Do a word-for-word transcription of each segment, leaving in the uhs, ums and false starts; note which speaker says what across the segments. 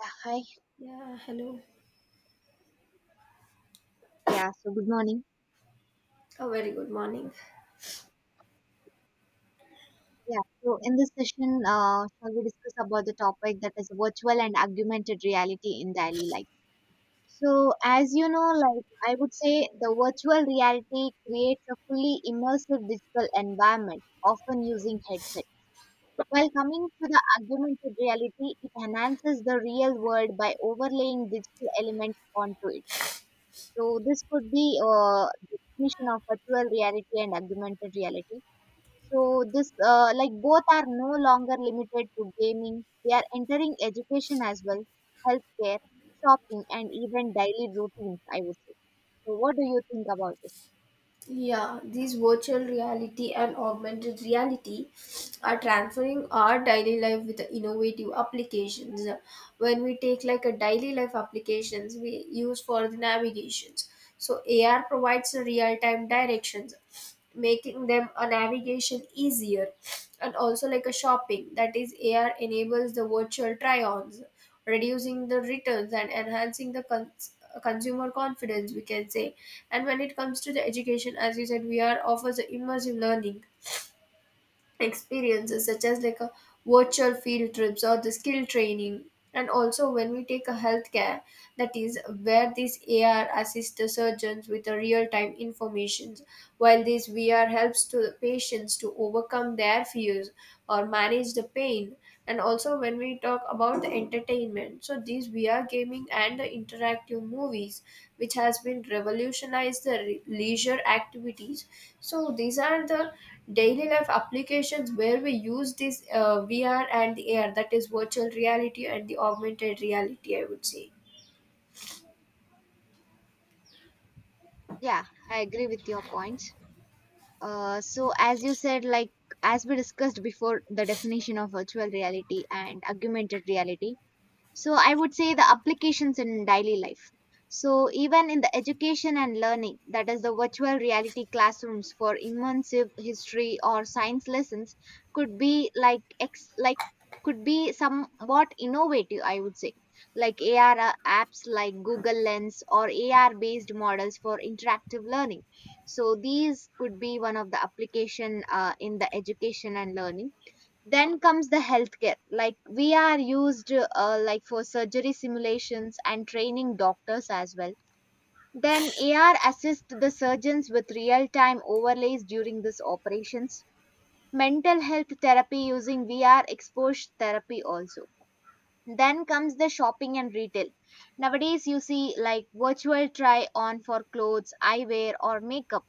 Speaker 1: Yeah, hi.
Speaker 2: Yeah, hello.
Speaker 1: Yeah, so good morning.
Speaker 2: A very good morning.
Speaker 1: Yeah, so in this session, uh, shall we discuss about the topic that is virtual and augmented reality in daily life? So, as you know, like I would say, the virtual reality creates a fully immersive digital environment, often using headset. While coming to the augmented reality, it enhances the real world by overlaying digital elements onto it. So, this could be uh, the definition of virtual reality and augmented reality. So this uh, like both are no longer limited to gaming. They are entering education as well, healthcare, shopping, and even daily routines, I would say. So what do you think about this?
Speaker 2: Yeah, these virtual reality and augmented reality are transferring our daily life with innovative applications. When we take like a daily life applications we use for the navigations. So A R provides real-time directions, making them a navigation easier, and also like a shopping, that is ar enables the virtual try-ons, reducing the returns and enhancing the cons- consumer confidence, we can say. And when it comes to the education, as you said, vr offers a immersive learning experiences such as like a virtual field trips or the skill training. And also when we take a healthcare, that is where these ar assists the surgeons with the real time information, while this vr helps to the patients to overcome their fears or manage the pain. And also when we talk about the entertainment, so these vr gaming and the interactive movies, which has been revolutionized the re- leisure activities. So these are the daily life applications where we use this uh, vr and the ar, that is virtual reality and the augmented reality, I would say.
Speaker 1: Yeah, I agree with your points. Uh, so as you said, like as we discussed before, the definition of virtual reality and augmented reality. So I would say the applications in daily life. So even in the education and learning, that is the virtual reality classrooms for immersive history or science lessons could be like ex like could be somewhat innovative, I would say. Like A R a- R uh, apps like Google Lens or A R based models for interactive learning. So these could be one of the application uh, in the education and learning. Then comes the healthcare, like we are used uh, like for surgery simulations and training doctors as well. Then AR assists the surgeons with real time overlays during these operations. Mental health therapy using V R exposure therapy also. Then comes the shopping and retail. Nowadays you see like virtual try on for clothes, eyewear or makeup,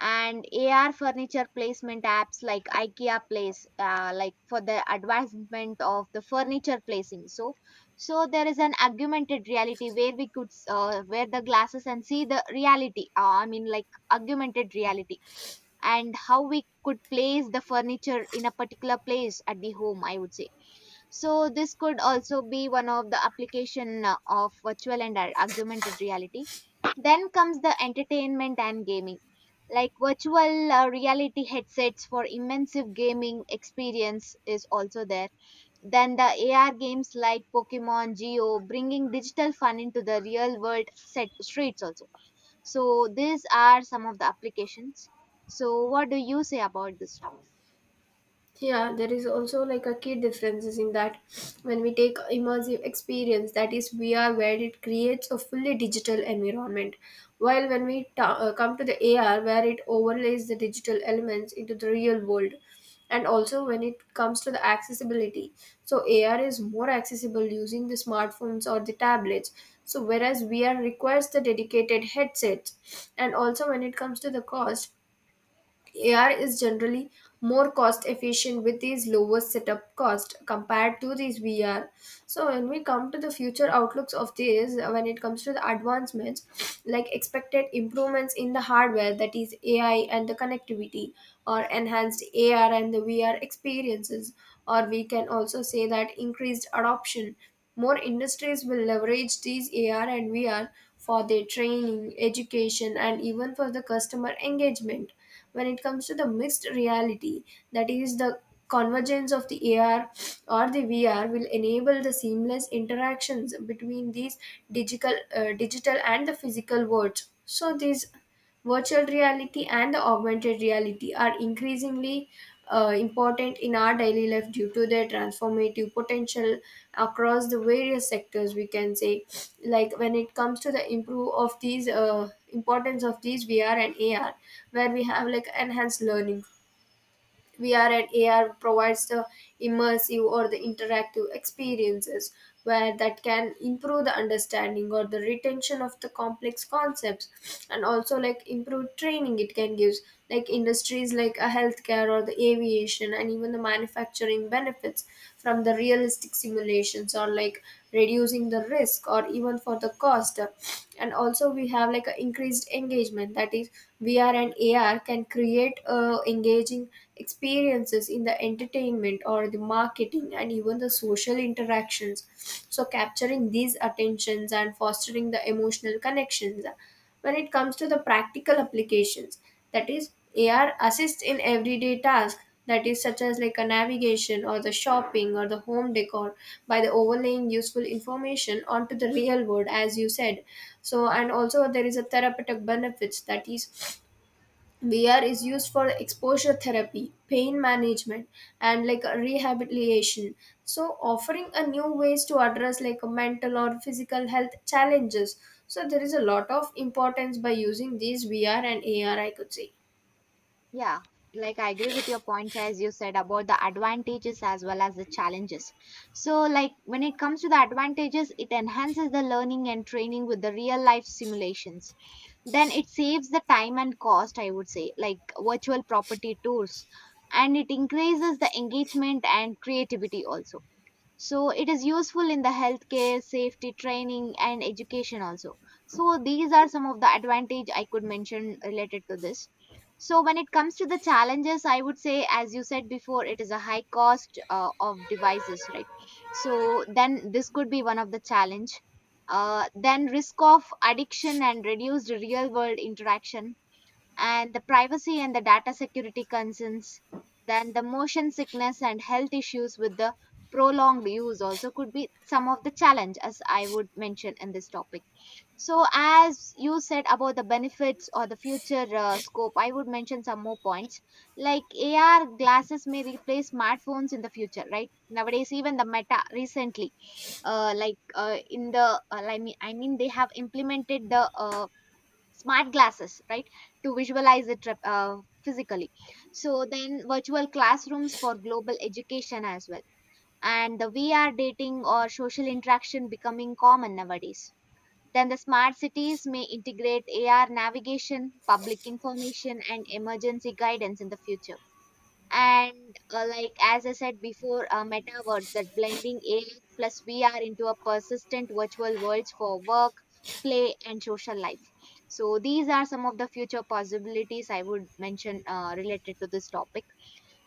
Speaker 1: and A R furniture placement apps like IKEA Place, uh, like for the advancement of the furniture placing. So, so there is an augmented reality where we could uh, wear the glasses and see the reality. Uh, I mean, like augmented reality, and how we could place the furniture in a particular place at the home, I would say. So this could also be one of the application uh, of virtual and ar- augmented reality. Then comes the entertainment and gaming, like virtual uh, reality headsets for immersive gaming experience is also there. Then the A R games like Pokemon Geo bringing digital fun into the real world set streets also. So these are some of the applications. So what do you say about this?
Speaker 2: Yeah, there is also like a key differences in that, when we take immersive experience, that is V R, where it creates a fully digital environment, while when we ta- uh, come to the A R, where it overlays the digital elements into the real world. And also when it comes to the accessibility, so A R is more accessible using the smartphones or the tablets. So whereas V R requires the dedicated headsets. And also when it comes to the cost, A R is generally more cost efficient with these lower setup cost compared to these V R. So when we come to the future outlooks of this, uh, when it comes to the advancements, like expected improvements in the hardware, that is A I and the connectivity, or enhanced A R and the V R experiences, or we can also say that increased adoption. More industries will leverage these A R and V R for their training, education, and even for the customer engagement. When it comes to the mixed reality, that is the convergence of the A R or the V R will enable the seamless interactions between these digital uh, digital and the physical worlds. So these virtual reality and the augmented reality are increasingly uh, important in our daily life due to their transformative potential across the various sectors, we can say. Like when it comes to the improve of these uh, importance of these vr and ar, where we have like enhanced learning, vr and ar provides the immersive or the interactive experiences, where that can improve the understanding or the retention of the complex concepts. And also like improve training it can gives, like industries like a healthcare or the aviation and even the manufacturing benefits from the realistic simulations, or like reducing the risk or even for the cost. And also we have like a increased engagement, that is vr and ar can create uh, engaging experiences in the entertainment or the marketing and even the social interactions, so capturing these attentions and fostering the emotional connections. When it comes to the practical applications, that is ar assists in everyday tasks, that is such as like a navigation or the shopping or the home decor, by the overlaying useful information onto the real world, as you said. So and also there is a therapeutic benefits, that is vr is used for exposure therapy, pain management, and like a rehabilitation, so offering a new ways to address like a mental or physical health challenges. So there is a lot of importance by using these vr and ar, I could say.
Speaker 1: Yeah, like I agree with your points as you said about the advantages as well as the challenges. So, like when it comes to the advantages, it enhances the learning and training with the real life simulations. Then it saves the time and cost, I would say, like virtual property tours, and it increases the engagement and creativity also. So it is useful in the healthcare safety training and education also. So these are some of the advantage I could mention related to this. So when it comes to the challenges, I would say as you said before, it is a high cost uh, of devices, right? So then this could be one of the challenge. Uh, then risk of addiction and reduced real world interaction, and the privacy and the data security concerns. Then the motion sickness and health issues with the prolonged use also could be some of the challenge as I would mention in this topic. So as you said about the benefits or the future uh, scope, I would mention some more points. Like AR glasses may replace smartphones in the future, right? Nowadays even the Meta recently, uh, like uh, in the uh, I mean I mean they have implemented the uh, smart glasses, right? To visualize it rep- uh, physically. So then virtual classrooms for global education as well, and the V R dating or social interaction becoming common nowadays. Then the smart cities may integrate A R navigation, public information and emergency guidance in the future. And uh, like as I said before, uh, metaverse that blending A I plus V R into a persistent virtual worlds for work, play and social life. So these are some of the future possibilities I would mention uh, related to this topic.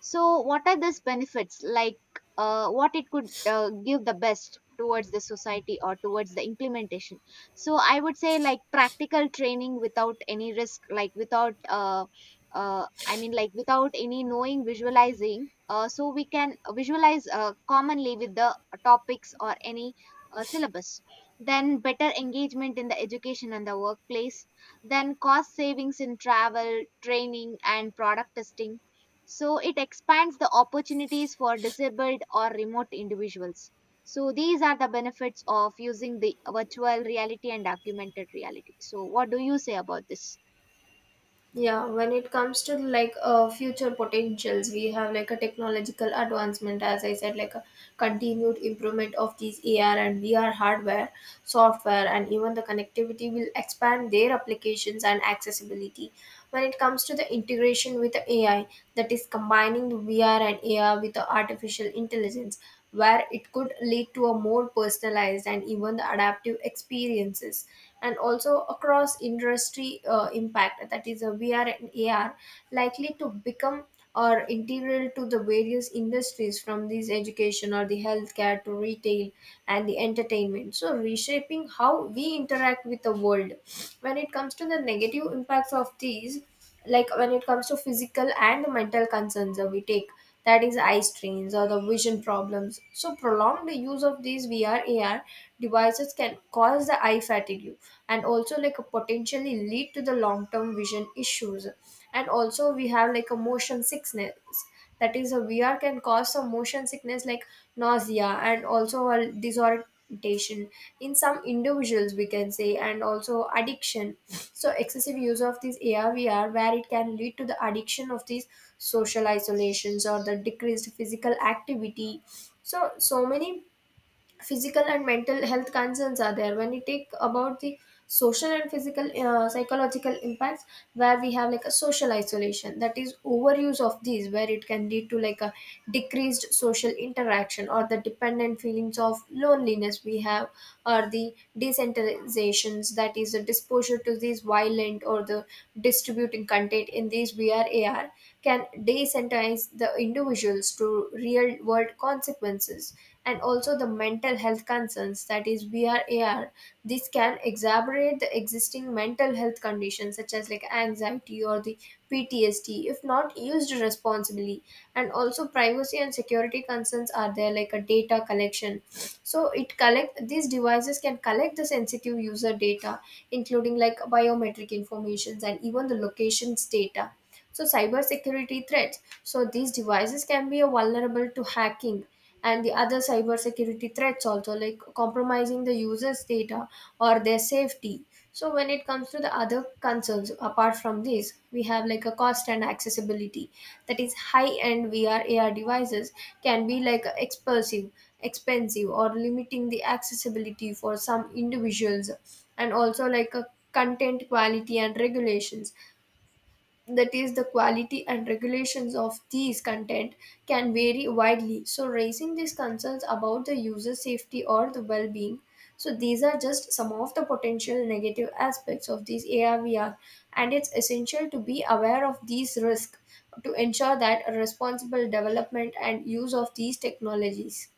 Speaker 1: So, what are these benefits? Like, uh, what it could uh, give the best towards the society or towards the implementation? So, I would say like practical training without any risk, like without, uh, uh, I mean, like without any knowing, visualizing. Uh, so we can visualize uh, commonly with the topics or any uh, syllabus. Then better engagement in the education and the workplace. Then cost savings in travel, training, and product testing, so it expands the opportunities for disabled or remote individuals. So these are the benefits of using the virtual reality and augmented reality. So what do you say about this?
Speaker 2: Yeah, when it comes to like uh, future potentials, we have like a technological advancement, as I said, like a continued improvement of these ar and vr hardware, software and even the connectivity will expand their applications and accessibility. When it comes to the integration with the ai, that is combining the vr and ar with the artificial intelligence, where it could lead to a more personalized and even adaptive experiences. And also across industry uh, impact, that is a vr and ar likely to become or integral to the various industries from these education or the healthcare to retail and the entertainment, so reshaping how we interact with the world. When it comes to the negative impacts of these, like when it comes to physical and mental concerns that we take, that is eye strains or the vision problems, so prolonged use of these vr ar devices can cause the eye fatigue and also like potentially lead to the long term vision issues. And also we have like a motion sickness, that is a vr can cause some motion sickness, like nausea and also a disorientation in some individuals, we can say. And also addiction, so excessive use of these A R V R, where it can lead to the addiction of these social isolations or the decreased physical activity. So so many physical and mental health concerns are there when you take about the social and physical uh, psychological impacts, where we have like a social isolation, that is overuse of these, where it can lead to like a decreased social interaction or the dependent feelings of loneliness we have. Or the desensitizations, that is the disposure to these violent or the distributing content in these V R A R can desensitize the individuals to real world consequences. And also the mental health concerns, that is V R A R, this can exacerbate the existing mental health conditions such as like anxiety or the P T S D if not used responsibly. And also privacy and security concerns are there, like a data collection, so it collect these devices can collect the sensitive user data including like biometric informations and even the locations data. So cybersecurity threats, so these devices can be uh, vulnerable to hacking and the other cybersecurity threats also, like compromising the users data or their safety. So when it comes to the other concerns apart from this, we have like a cost and accessibility, that is high end vr ar devices can be like expensive, expensive or limiting the accessibility for some individuals. And also like a content quality and regulations, that is the quality and regulations of these content can vary widely, so raising these concerns about the user safety or the well-being. So these are just some of the potential negative aspects of these A R V R, and it's essential to be aware of these risks to ensure that a responsible development and use of these technologies.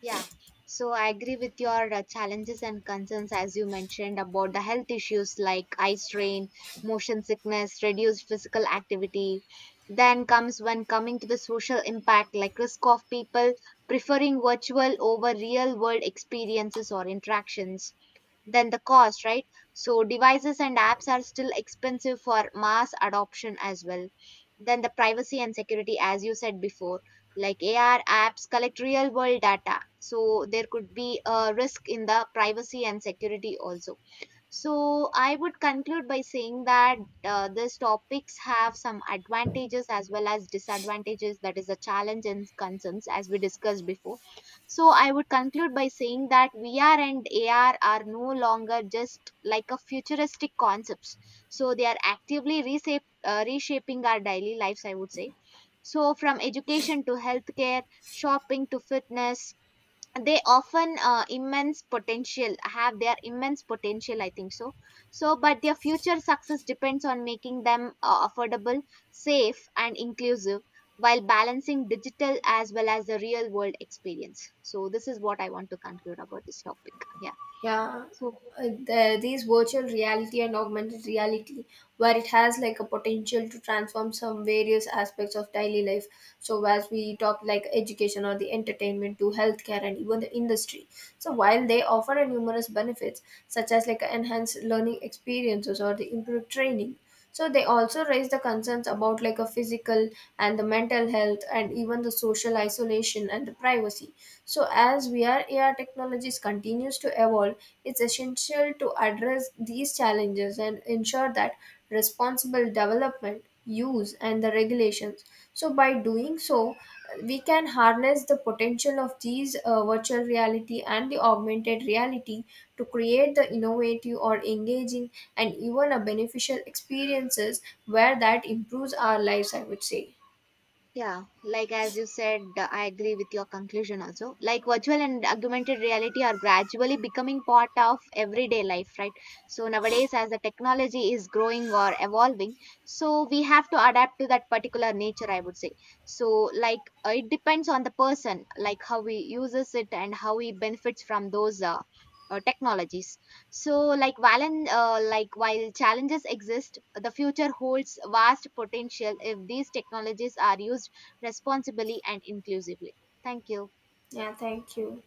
Speaker 1: Yeah. So I agree with your uh, challenges and concerns as you mentioned about the health issues like eye strain, motion sickness, reduced physical activity. Then comes when coming to the social impact like risk of people preferring virtual over real world experiences or interactions, than the cost, right? So devices and apps are still expensive for mass adoption as well. Then the privacy and security, as you said before, like A R apps collect real world data. So there could be a risk in the privacy and security also. So, I would conclude by saying that uh, these topics have some advantages as well as disadvantages, that is, the challenge and concerns as we discussed before. So, I would conclude by saying that V R and A R are no longer just like a futuristic concepts. So, they are actively reshape, uh, reshaping our daily lives, I would say. So, from education to healthcare, shopping to fitness, they often uh, immense potential have their immense potential, I think so. So but their future success depends on making them uh, affordable, safe and inclusive, while balancing digital as well as the real world experience. So this is what I want to conclude about this topic. Yeah.
Speaker 2: Yeah.
Speaker 1: So
Speaker 2: Uh, the, these virtual reality and augmented reality, where it has like a potential to transform some various aspects of daily life, so as we talk like education or the entertainment to healthcare and even the industry. So while they offer a numerous benefits such as like enhanced learning experiences or the improved training, so they also raise the concerns about like a physical and the mental health and even the social isolation and the privacy. So as V R A R technologies continues to evolve, it's essential to address these challenges and ensure that responsible development, use and the regulations. So by doing so, we can harness the potential of these uh, virtual reality and the augmented reality to create the innovative or engaging and even a beneficial experiences where that improves our lives, I would say.
Speaker 1: Yeah, like as you said, uh, I agree with your conclusion also. Like virtual and augmented reality are gradually becoming part of everyday life, right? So nowadays, as the technology is growing or evolving, so we have to adapt to that particular nature, I would say. So, like, uh, it depends on the person, like how he uses it and how he benefits from those uh, uh, technologies. So, like Valen, uh, like while challenges exist, the future holds vast potential if these technologies are used responsibly and inclusively. Thank you.
Speaker 2: Yeah, thank you.